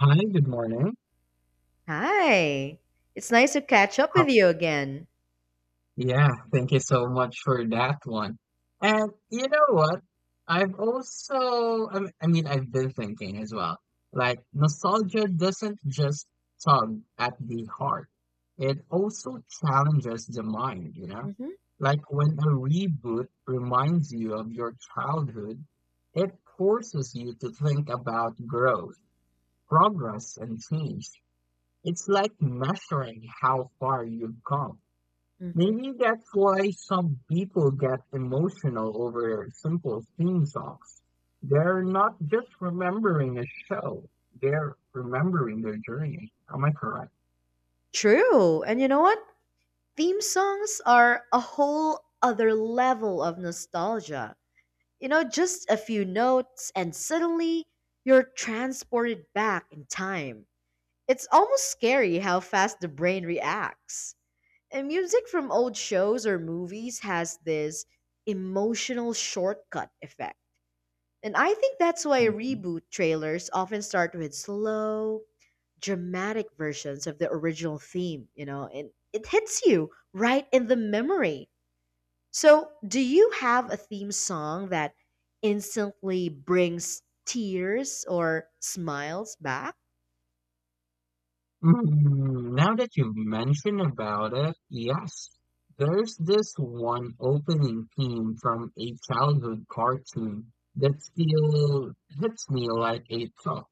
Hi, good morning. Hi. It's nice to catch up Ho- with you again. Yeah, thank you so much for that one. And you know what? I've also, I mean, I've been thinking as well. Like, nostalgia doesn't just tug at the heart, it also challenges the mind, you know? Hmm. Like, when a reboot reminds you of your childhood, it forces you to think about growth, progress, and change. It's like measuring how far you've come. Hmm. Maybe that's why some people get emotional over simple theme songs. They're not just remembering a show, they're remembering their journey. Am I correct? True. And you know what? Theme songs are a whole other level of nostalgia. You know, just a few notes, and suddenly you're transported back in time. It's almost scary how fast the brain reacts. And music from old shows or movies has this emotional shortcut effect. And I think that's why Mhm. reboot trailers often start with slow, dramatic versions of the original theme, you know, and it hits you right in the memory. So, do you have a theme song that instantly brings tears or smiles back? Now that you mention about it, yes. There's this one opening theme from a childhood cartoon that still hits me like a tug.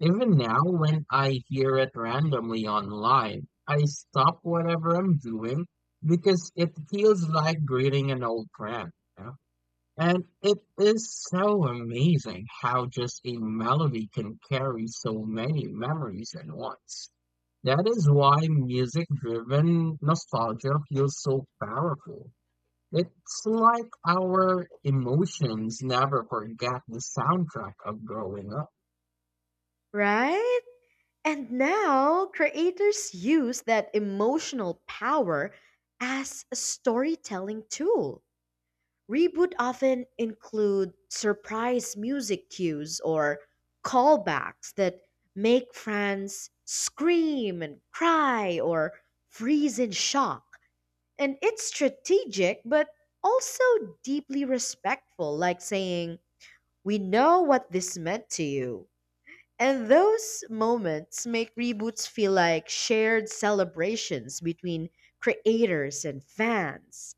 Even now, when I hear it randomly online, I stop whatever I'm doing because it feels like greeting an old friend. You know? And it is so amazing how just a melody can carry so many memories at once. That is why music driven nostalgia feels so powerful. It's like our emotions never forget the soundtrack of growing up. Right? And now creators use that emotional power as a storytelling tool. Reboot often include surprise music cues or callbacks that make fans scream and cry or freeze in shock. And it's strategic but also deeply respectful, like saying, "We know what this meant to you." And those moments make reboots feel like shared celebrations between creators and fans,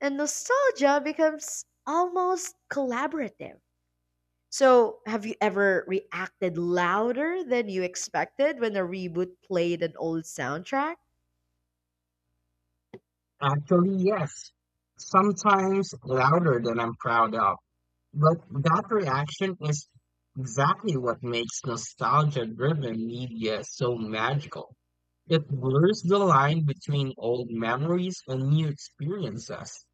and nostalgia becomes almost collaborative. So, have you ever reacted louder than you expected when a reboot played an old soundtrack? Actually, yes. Sometimes louder than I'm proud of. But that reaction is exactly what makes nostalgia-driven media so magical. It blurs the line between old memories and new experiences.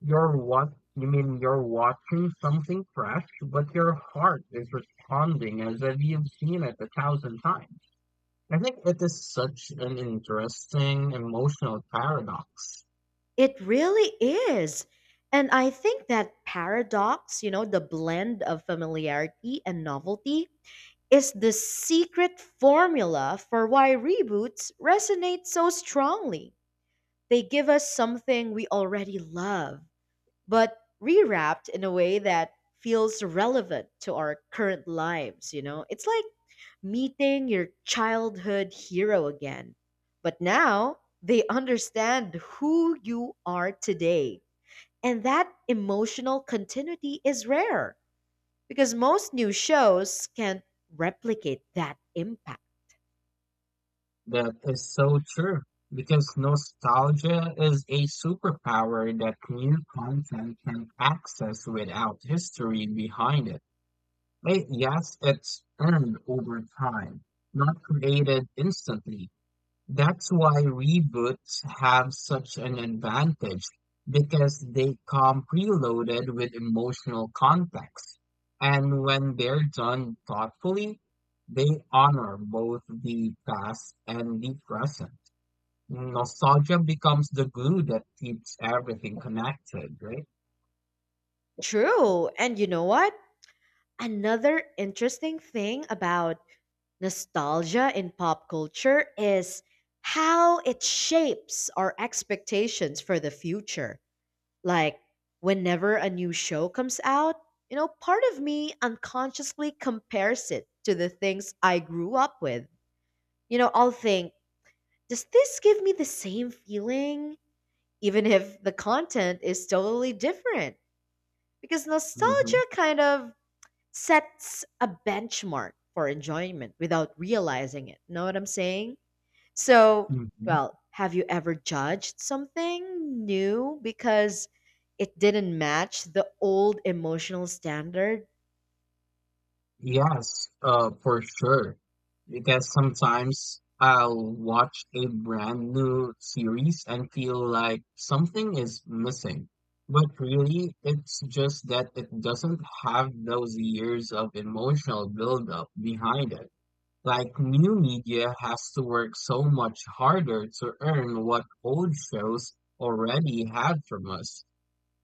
You're what you mean you're watching something fresh, but your heart is responding as if you've seen it a thousand times. I think it is such an interesting emotional paradox. It really is. And I think that paradox, you know, the blend of familiarity and novelty, is the secret formula for why reboots resonate so strongly. They give us something we already love but rewrapped in a way that feels relevant to our current lives, you know? It's like meeting your childhood hero again. But now they understand who you are today. And that emotional continuity is rare because most new shows can't replicate that impact. That is so true because nostalgia is a superpower that new content can access without history behind it. But yes, it's earned over time, not created instantly. That's why reboots have such an advantage because they come preloaded with emotional context. And when they're done thoughtfully, they honor both the past and the present. Nostalgia becomes the glue that keeps everything connected, right? True. And you know what? Another interesting thing about nostalgia in pop culture is how it shapes our expectations for the future. Like, whenever a new show comes out, you know, part of me unconsciously compares it to the things I grew up with. You know, I'll think, does this give me the same feeling? Even if the content is totally different. Because Hmm. nostalgia kind of sets a benchmark for enjoyment without realizing it. Know what I'm saying? So, Mhm. well, have you ever judged something new because it didn't match the old emotional standard? Yes, for sure. Because sometimes I'll watch a brand new series and feel like something is missing. But really, it's just that it doesn't have those years of emotional buildup behind it. Like new media has to work so much harder to earn what old shows already had from us.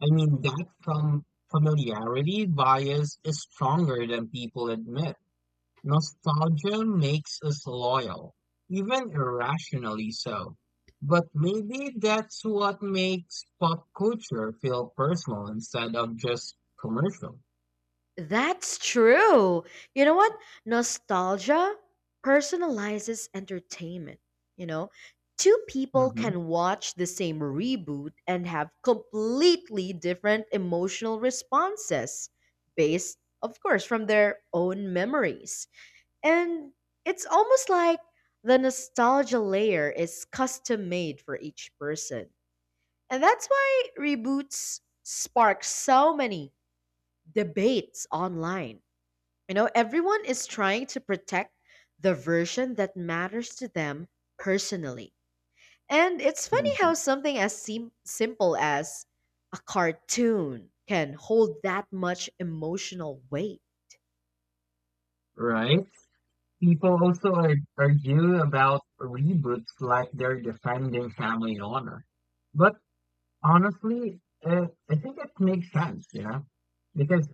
I mean, that from familiarity bias is stronger than people admit. Nostalgia makes us loyal, even irrationally so. But maybe that's what makes pop culture feel personal instead of just commercial. That's true. You know what? Nostalgia personalizes entertainment. You know, two people Hmm. can watch the same reboot and have completely different emotional responses based, of course, from their own memories. And it's almost like the nostalgia layer is custom made for each person. And that's why reboots spark so many debates online. You know, everyone is trying to protect the version that matters to them personally. And it's funny Hmm. how something as simple as a cartoon can hold that much emotional weight. Right? People also argue about reboots like they're defending family honor. But honestly, I think it makes sense, you know? Because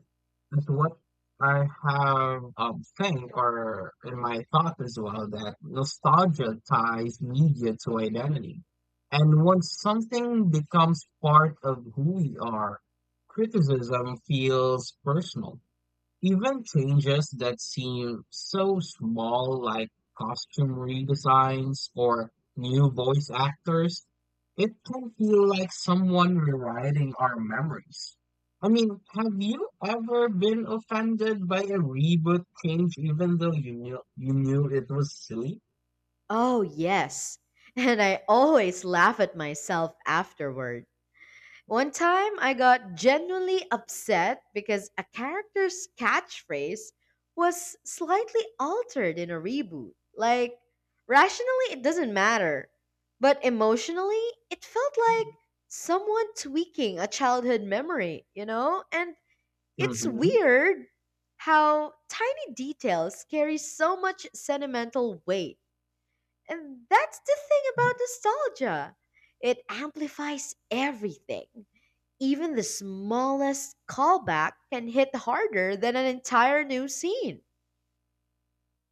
that's what I have think or in my thought as well that nostalgia ties media to identity. And once something becomes part of who we are, criticism feels personal. Even changes that seem so small, like costume redesigns or new voice actors, it can feel like someone rewriting our memories. I mean, have you ever been offended by a reboot change even though you knew it was silly? Oh, yes. And I always laugh at myself afterward. One time I got genuinely upset because a character's catchphrase was slightly altered in a reboot. Like, rationally, it doesn't matter. But emotionally, it felt like someone tweaking a childhood memory, you know? And it's Mm-hmm. weird how tiny details carry so much sentimental weight, and that's the thing about nostalgia. It amplifies everything. Even the smallest callback can hit harder than an entire new scene.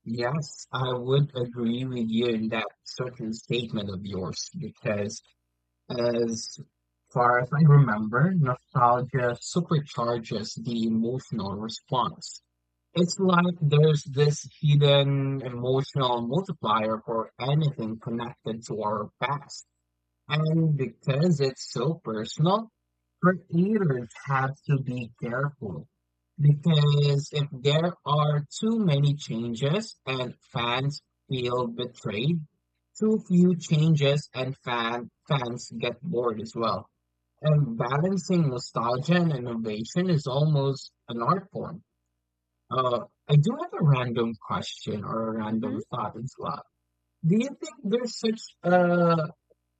Yes, I would agree with you in that certain statement of yours because as far as I remember, nostalgia supercharges the emotional response. It's like there's this hidden emotional multiplier for anything connected to our past. And because it's so personal, creators have to be careful. Because if there are too many changes and fans feel betrayed, too few changes and fans get bored as well. And balancing nostalgia and innovation is almost an art form. Uh, I do have a random question or a Hmm. random thought as well. Do you think there's such a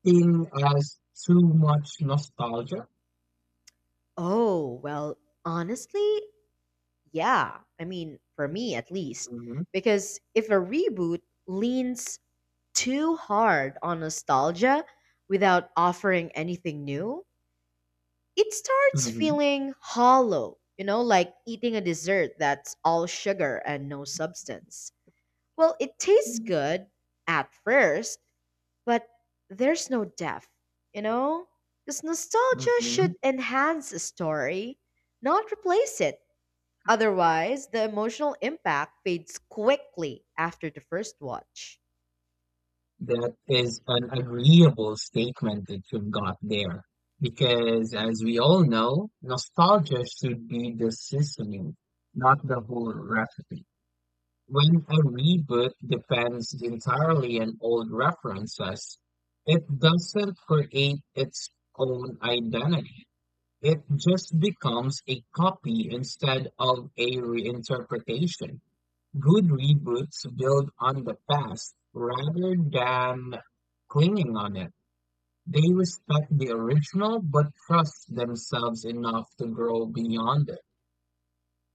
in us too much nostalgia? Oh, well, honestly, yeah. I mean, for me at least. Mhm. Because if a reboot leans too hard on nostalgia without offering anything new, it starts Mhm. feeling hollow, you know, like eating a dessert that's all sugar and no substance. Well, it tastes good at first, but there's no depth, you know? Because nostalgia should Mhm. enhance a story, not replace it. Otherwise, the emotional impact fades quickly after the first watch. That is an agreeable statement that you've got there. Because as we all know, nostalgia should be the seasoning, not the whole recipe. When a reboot depends entirely on old references, it doesn't create its own identity. It just becomes a copy instead of a reinterpretation. Good reboots build on the past rather than clinging on it. They respect the original but trust themselves enough to grow beyond it.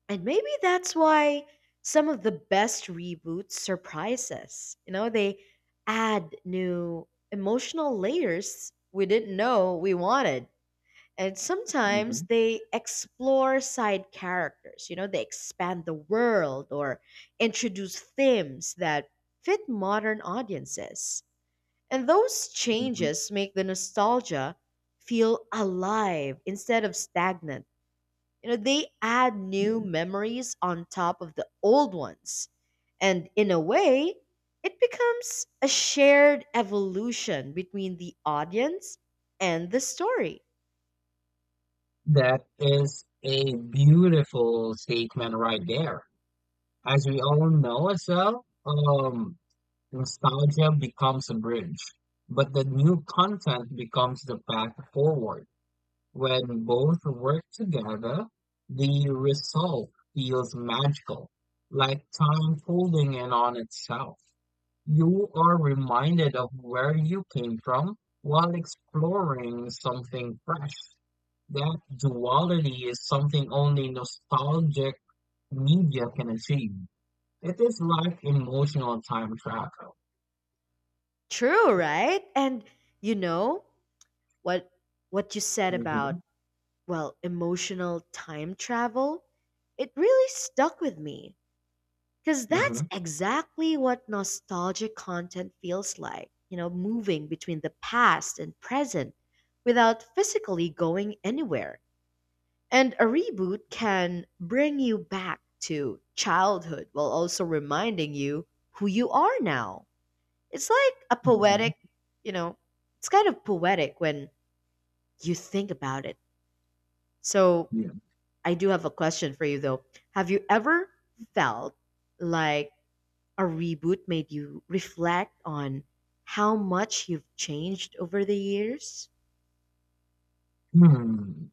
And maybe that's why some of the best reboots surprise us. You know, they add new emotional layers we didn't know we wanted. And sometimes Mhm. they explore side characters. You know, they expand the world or introduce themes that fit modern audiences. And those Mhm. changes make the nostalgia feel alive instead of stagnant. You know, they add new memories on top of the old ones, and in a way it becomes a shared evolution between the audience and the story. That is a beautiful statement right there. As we all know as well, nostalgia becomes a bridge, but the new content becomes the path forward. When both work together, the result feels magical, like time folding in on itself. You are reminded of where you came from while exploring something fresh. That duality is something only nostalgic media can achieve. It is like emotional time travel. True, right? And you know what what you said about, Mhm. well, emotional time travel, it really stuck with me. Because Mm-hmm. that's exactly what nostalgic content feels like, you know, moving between the past and present without physically going anywhere. And a reboot can bring you back to childhood while also reminding you who you are now. It's like a Mm-hmm. poetic, you know, it's kind of poetic when you think about it. So Yeah. I do have a question for you though. Have you ever felt like a reboot made you reflect on how much you've changed over the years? Hmm.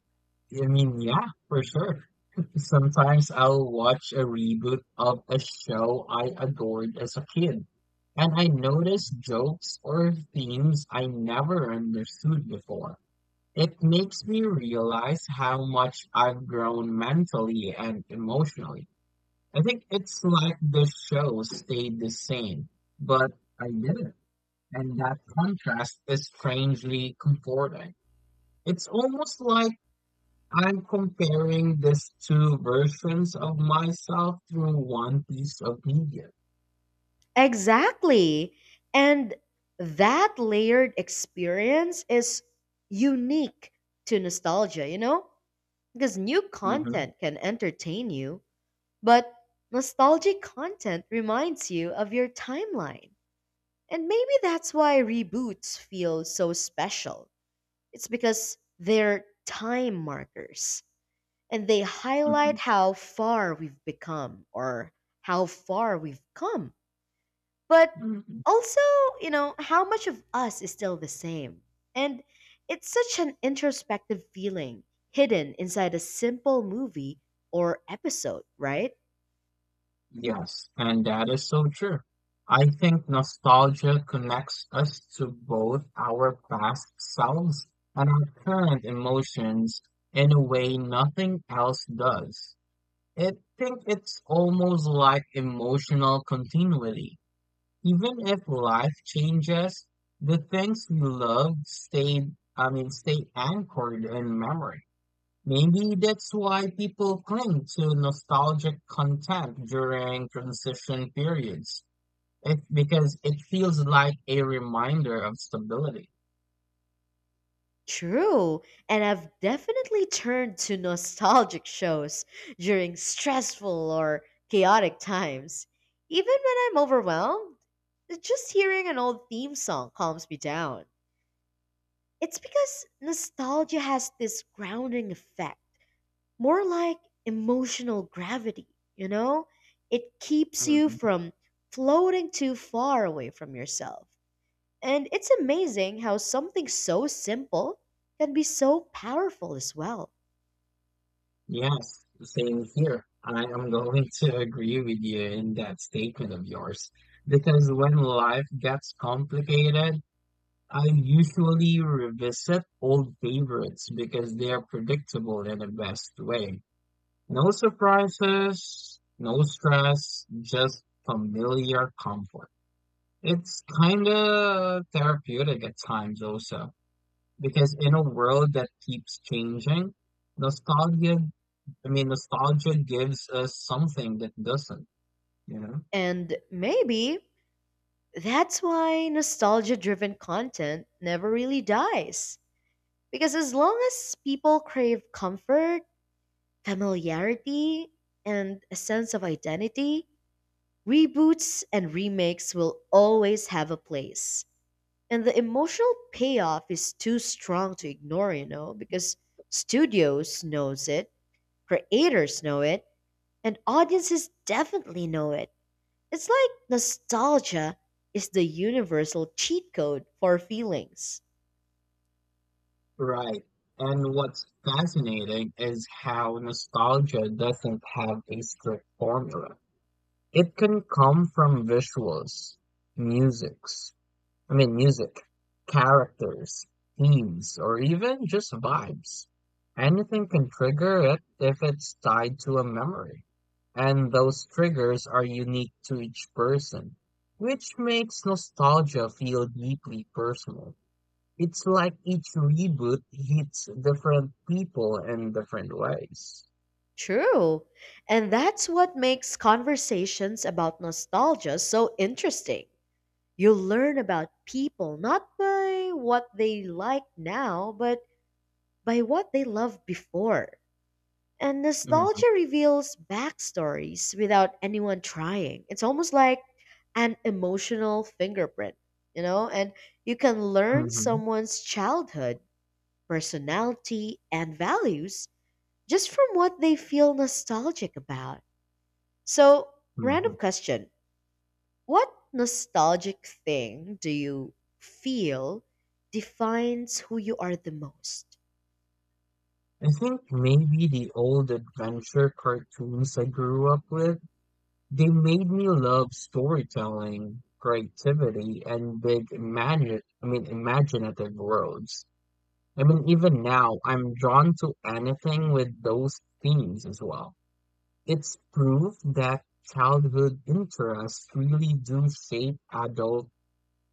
I mean, yeah, for sure. Sometimes I'll watch a reboot of a show I adored as a kid, and I notice jokes or themes I never understood before. It makes me realize how much I've grown mentally and emotionally. I think it's like the show stayed the same, but I didn't. And that contrast is strangely comforting. It's almost like I'm comparing these two versions of myself through one piece of media. Exactly. And that layered experience is unique to nostalgia, you know? Because new Mhm. content can entertain you, but nostalgic content reminds you of your timeline. And maybe that's why reboots feel so special. It's because they're time markers and they Mhm. highlight how far we've become, or how far we've come. But Mhm. also, you know, how much of us is still the same. And it's such an introspective feeling hidden inside a simple movie or episode, right? Yes, and that is so true. I think nostalgia connects us to both our past selves and our current emotions in a way nothing else does. I think it's almost like emotional continuity. Even if life changes, the things you love stay, I mean, stay anchored in memory. Maybe that's why people cling to nostalgic content during transition periods. It, because it feels like a reminder of stability. True, and I've definitely turned to nostalgic shows during stressful or chaotic times. Even when I'm overwhelmed, just hearing an old theme song calms me down. It's because nostalgia has this grounding effect, more like emotional gravity, you know? It keeps you Mhm. from floating too far away from yourself. And it's amazing how something so simple can be so powerful as well. Yes, same here. I am going to agree with you in that statement of yours. Because when life gets complicated, I usually revisit old favorites because they are predictable in the best way. No surprises, no stress, just familiar comfort. It's kind of therapeutic at times also, because in a world that keeps changing, nostalgia, I mean, nostalgia gives us something that doesn't, you know? And maybe that's why nostalgia driven content never really dies. Because as long as people crave comfort, familiarity, and a sense of identity, reboots and remakes will always have a place. And the emotional payoff is too strong to ignore, you know, because studios knows it. Creators know it, and audiences definitely know it. It's like nostalgia is the universal cheat code for feelings. Right. And what's fascinating is how nostalgia doesn't have a strict formula. It can come from visuals, musics, I mean, music, characters, themes, or even just vibes. Anything can trigger it if it's tied to a memory. And those triggers are unique to each person, which makes nostalgia feel deeply personal. It's like each reboot hits different people in different ways. True. And that's what makes conversations about nostalgia so interesting. You learn about people not by what they like now, but by what they loved before. And Hmm. nostalgia reveals backstories without anyone trying. It's almost like an emotional fingerprint, you know? And you can learn Hmm. someone's childhood, personality, and values just from what they feel nostalgic about. So, random Hmm. question: what nostalgic thing do you feel defines who you are the most? I think maybe the old adventure cartoons I grew up with, they made me love storytelling, creativity, and big imagine, I mean, imaginative worlds. I mean, even now, I'm drawn to anything with those themes as well. It's proof that childhood interests really do shape adult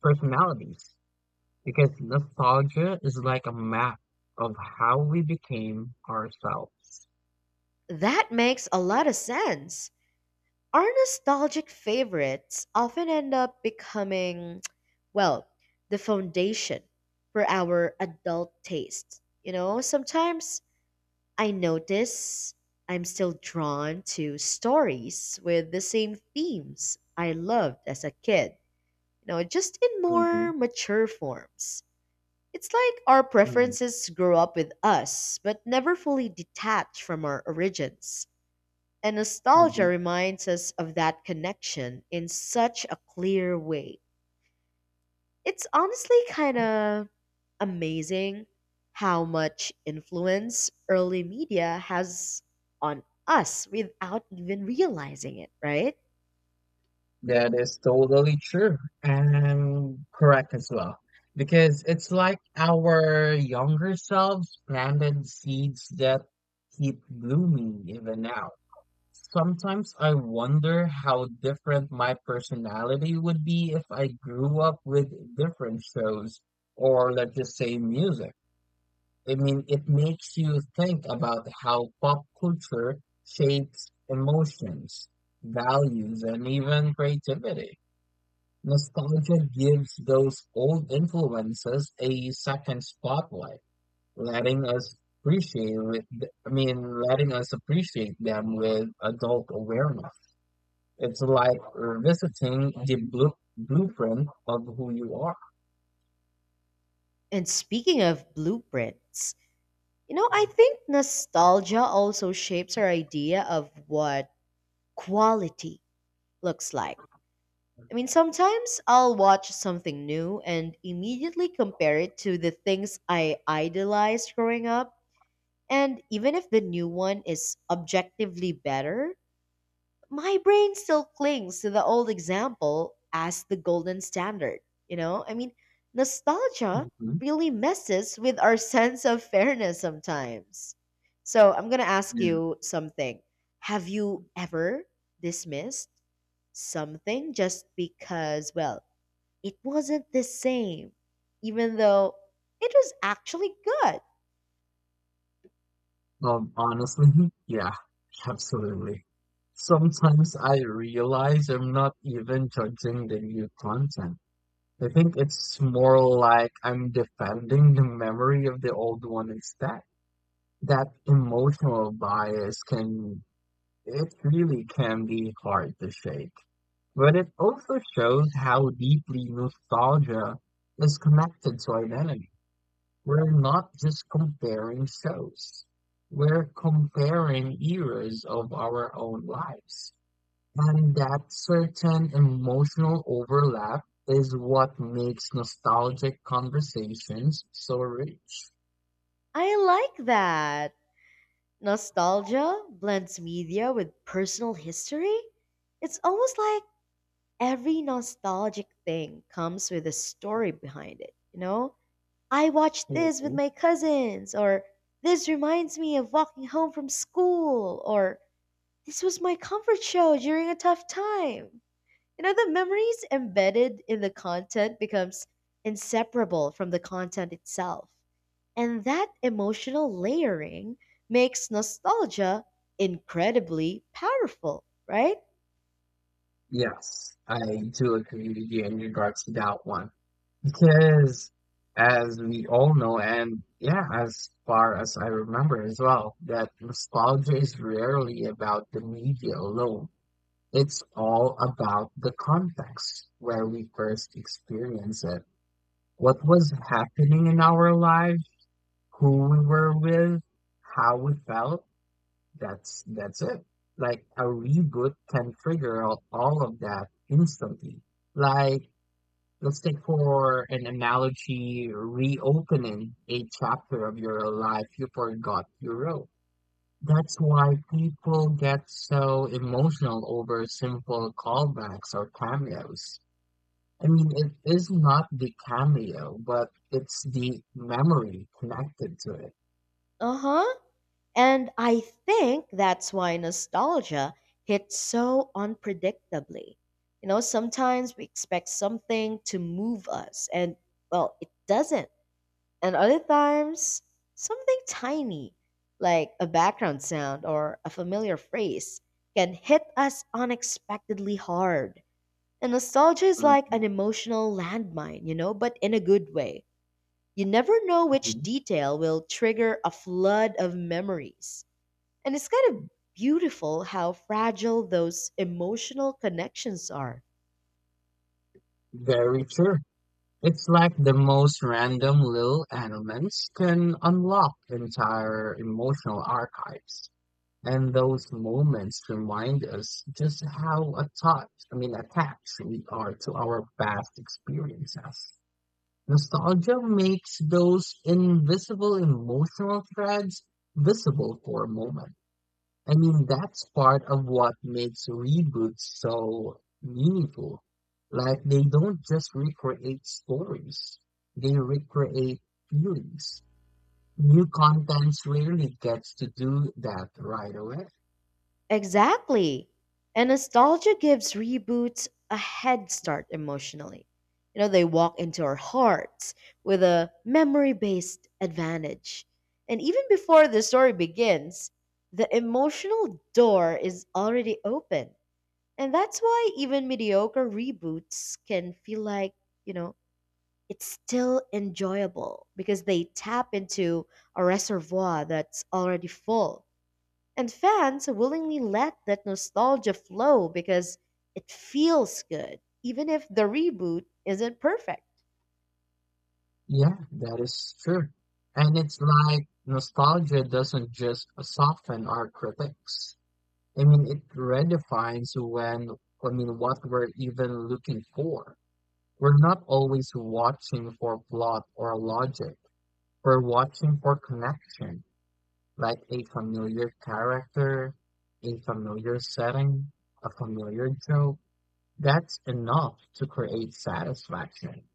personalities because nostalgia is like a map of how we became ourselves. That makes a lot of sense. Our nostalgic favorites often end up becoming, well, the foundation for our adult tastes. You know, sometimes I notice I'm still drawn to stories with the same themes I loved as a kid, you know, just in Hmm. more mature forms. It's like our Hmm. preferences grow up with us, but never fully detach from our origins. And nostalgia Hmm. reminds us of that connection in such a clear way. It's honestly kind of amazing how much influence early media has on us without even realizing it, right? That is totally true and correct as well. Because it's like our younger selves planted seeds that keep blooming even now. Sometimes I wonder how different my personality would be if I grew up with different shows or let's just say music. I mean, it makes you think about how pop culture shapes emotions, values, and even creativity. Nostalgia gives those old influences a second spotlight, letting us appreciate with, I mean, letting us appreciate them with adult awareness. It's like revisiting the blueprint of who you are. And speaking of blueprints, you know, I think nostalgia also shapes our idea of what quality looks like. I mean, sometimes I'll watch something new and immediately compare it to the things I idolized growing up. And even if the new one is objectively better, my brain still clings to the old example as the golden standard. You know, I mean, nostalgia Mhm. really messes with our sense of fairness sometimes. So I'm going to ask you something. Have you ever dismissed something just because, well, it wasn't the same, even though it was actually good? Honestly, yeah, absolutely. Sometimes I realize I'm not even judging the new content. I think it's more like I'm defending the memory of the old one instead. That emotional bias can, it really can be hard to shake. But it also shows how deeply nostalgia is connected to identity. We're not just comparing shows. We're comparing eras of our own lives. And that certain emotional overlap is what makes nostalgic conversations so rich. I like that. Nostalgia blends media with personal history. It's almost like every nostalgic thing comes with a story behind it, you know? I watched this with Mhm. my cousins, or this reminds me of walking home from school, or this was my comfort show during a tough time. You know, the memories embedded in the content becomes inseparable from the content itself. And that emotional layering makes nostalgia incredibly powerful, right? Yes, I do agree with you in regards to that one. Because as we all know, and yeah, as far as I remember as well, that nostalgia is rarely about the media alone. It's all about the context where we first experience it. What was happening in our lives, who we were with, how we felt. That's it. Like a reboot can figure out all of that instantly. Like let's take for an analogy reopening a chapter of your life you forgot you wrote. That's why people get so emotional over simple callbacks or cameos. I mean, it is not the cameo, but it's the memory connected to it. Uh-huh. And I think that's why nostalgia hits so unpredictably. You know, sometimes we expect something to move us and, well, it doesn't, and other times something tiny like a background sound or a familiar phrase can hit us unexpectedly hard. And nostalgia is like Mhm. an emotional landmine, you know, but in a good way. You never know which Mhm. detail will trigger a flood of memories. And it's kind of beautiful how fragile those emotional connections are. Very true. It's like the most random little elements can unlock entire emotional archives. And those moments remind us just how attached, I mean, attached we are to our past experiences. Nostalgia makes those invisible emotional threads visible for a moment. I mean, that's part of what makes reboots so meaningful. Like, they don't just recreate stories, they recreate feelings. New contents rarely gets to do that right away. Exactly. And nostalgia gives reboots a head start emotionally. You know, they walk into our hearts with a memory based advantage. And even before the story begins, the emotional door is already open. And that's why even mediocre reboots can feel like, you know, it's still enjoyable because they tap into a reservoir that's already full. And fans willingly let that nostalgia flow because it feels good, even if the reboot isn't perfect. Yeah, that is true. And it's like nostalgia doesn't just soften our critics. I mean, it redefines when, I mean, what we're even looking for. We're not always watching for plot or logic. We're watching for connection, like a familiar character, a familiar setting, a familiar joke. That's enough to create satisfaction.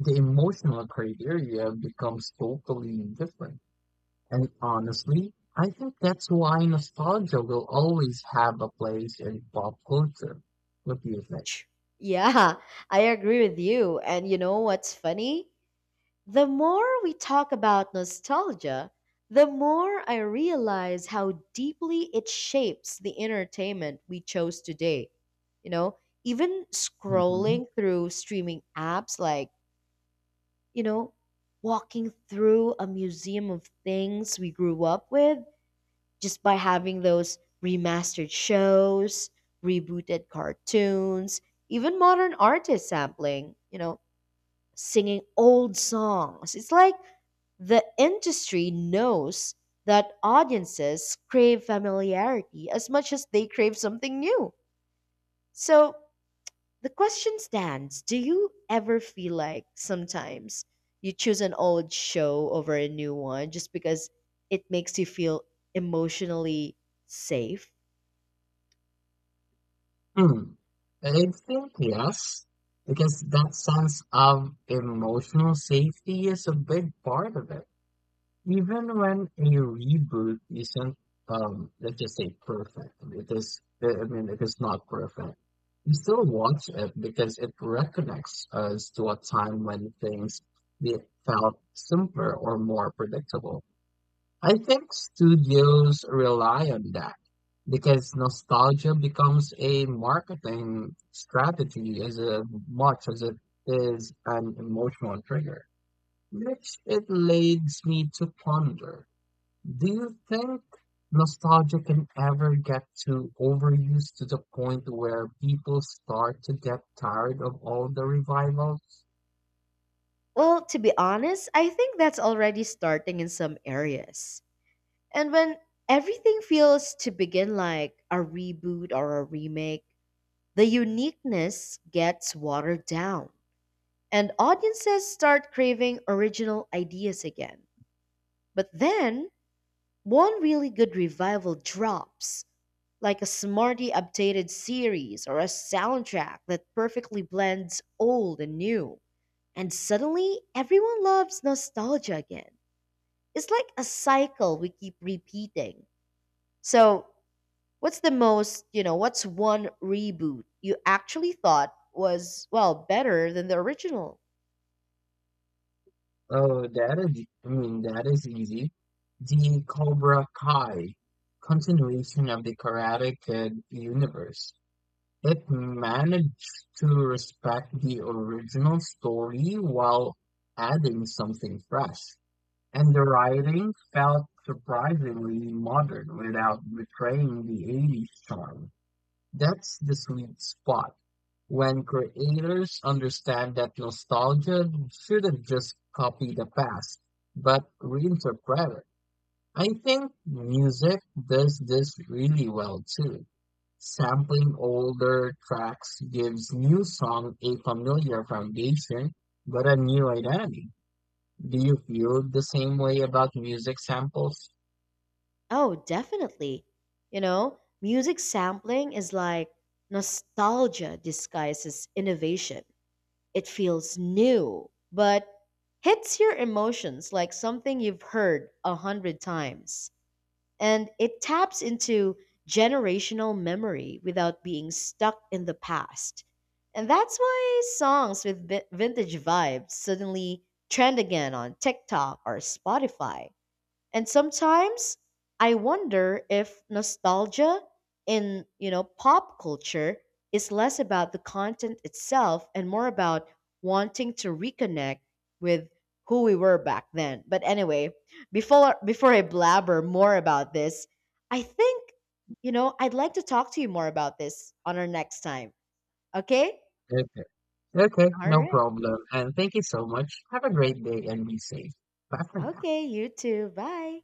The emotional criteria becomes totally different. And honestly, I think that's why nostalgia will always have a place in pop culture. What do you think? Ch- Yeah, I agree with you. And you know what's funny? The more we talk about nostalgia, the more I realize how deeply it shapes the entertainment we chose today. You know, even Hmm. scrolling through streaming apps, like, you know, walking through a museum of things we grew up with just by having those remastered shows, rebooted cartoons, even modern artists sampling, you know, singing old songs. It's like the industry knows that audiences crave familiarity as much as they crave something new. So, the question stands: do you ever feel like sometimes you choose an old show over a new one just because it makes you feel emotionally safe? Hmm. I think yes, because that sense of emotional safety is a big part of it. Even when a reboot isn't let's just say perfect, it is, I mean, it is not perfect, we still watch it because it reconnects us to a time when things be- felt simpler or more predictable. I think studios rely on that because nostalgia becomes a marketing strategy as a, much as it is an emotional trigger, which it leads me to ponder, do you think nostalgia can ever get too overused to the point where people start to get tired of all the revivals? Well, to be honest, I think that's already starting in some areas. And when everything feels to begin like a reboot or a remake, the uniqueness gets watered down, and audiences start craving original ideas again. But then, one really good revival drops, like a smartly updated series or a soundtrack that perfectly blends old and new. And suddenly, everyone loves nostalgia again. It's like a cycle we keep repeating. So, what's the most, you know, what's one reboot you actually thought was, well, better than the original? Oh, that is, I mean, that is easy. The Cobra Kai, continuation of the Karate Kid universe. It managed to respect the original story while adding something fresh. And the writing felt surprisingly modern without betraying the 80s charm. That's the sweet spot. When creators understand that nostalgia shouldn't just copy the past, but reinterpret it. I think music does this really well too. Sampling older tracks gives new song a familiar foundation, but a new identity. Do you feel the same way about music samples? Oh, definitely. You know, music sampling is like nostalgia disguises innovation. It feels new, but hits your emotions like something you've heard a hundred times. And it taps into generational memory without being stuck in the past. And that's why songs with vintage vibes suddenly trend again on TikTok or Spotify. And sometimes I wonder if nostalgia in, you know, pop culture is less about the content itself and more about wanting to reconnect with who we were back then. But anyway, before I blabber more about this, I think, you know, I'd like to talk to you more about this on our next time. Okay? Okay. Okay, All no right. problem. And thank you so much. Have a great day and be safe. Bye for now. Okay, you too. Bye.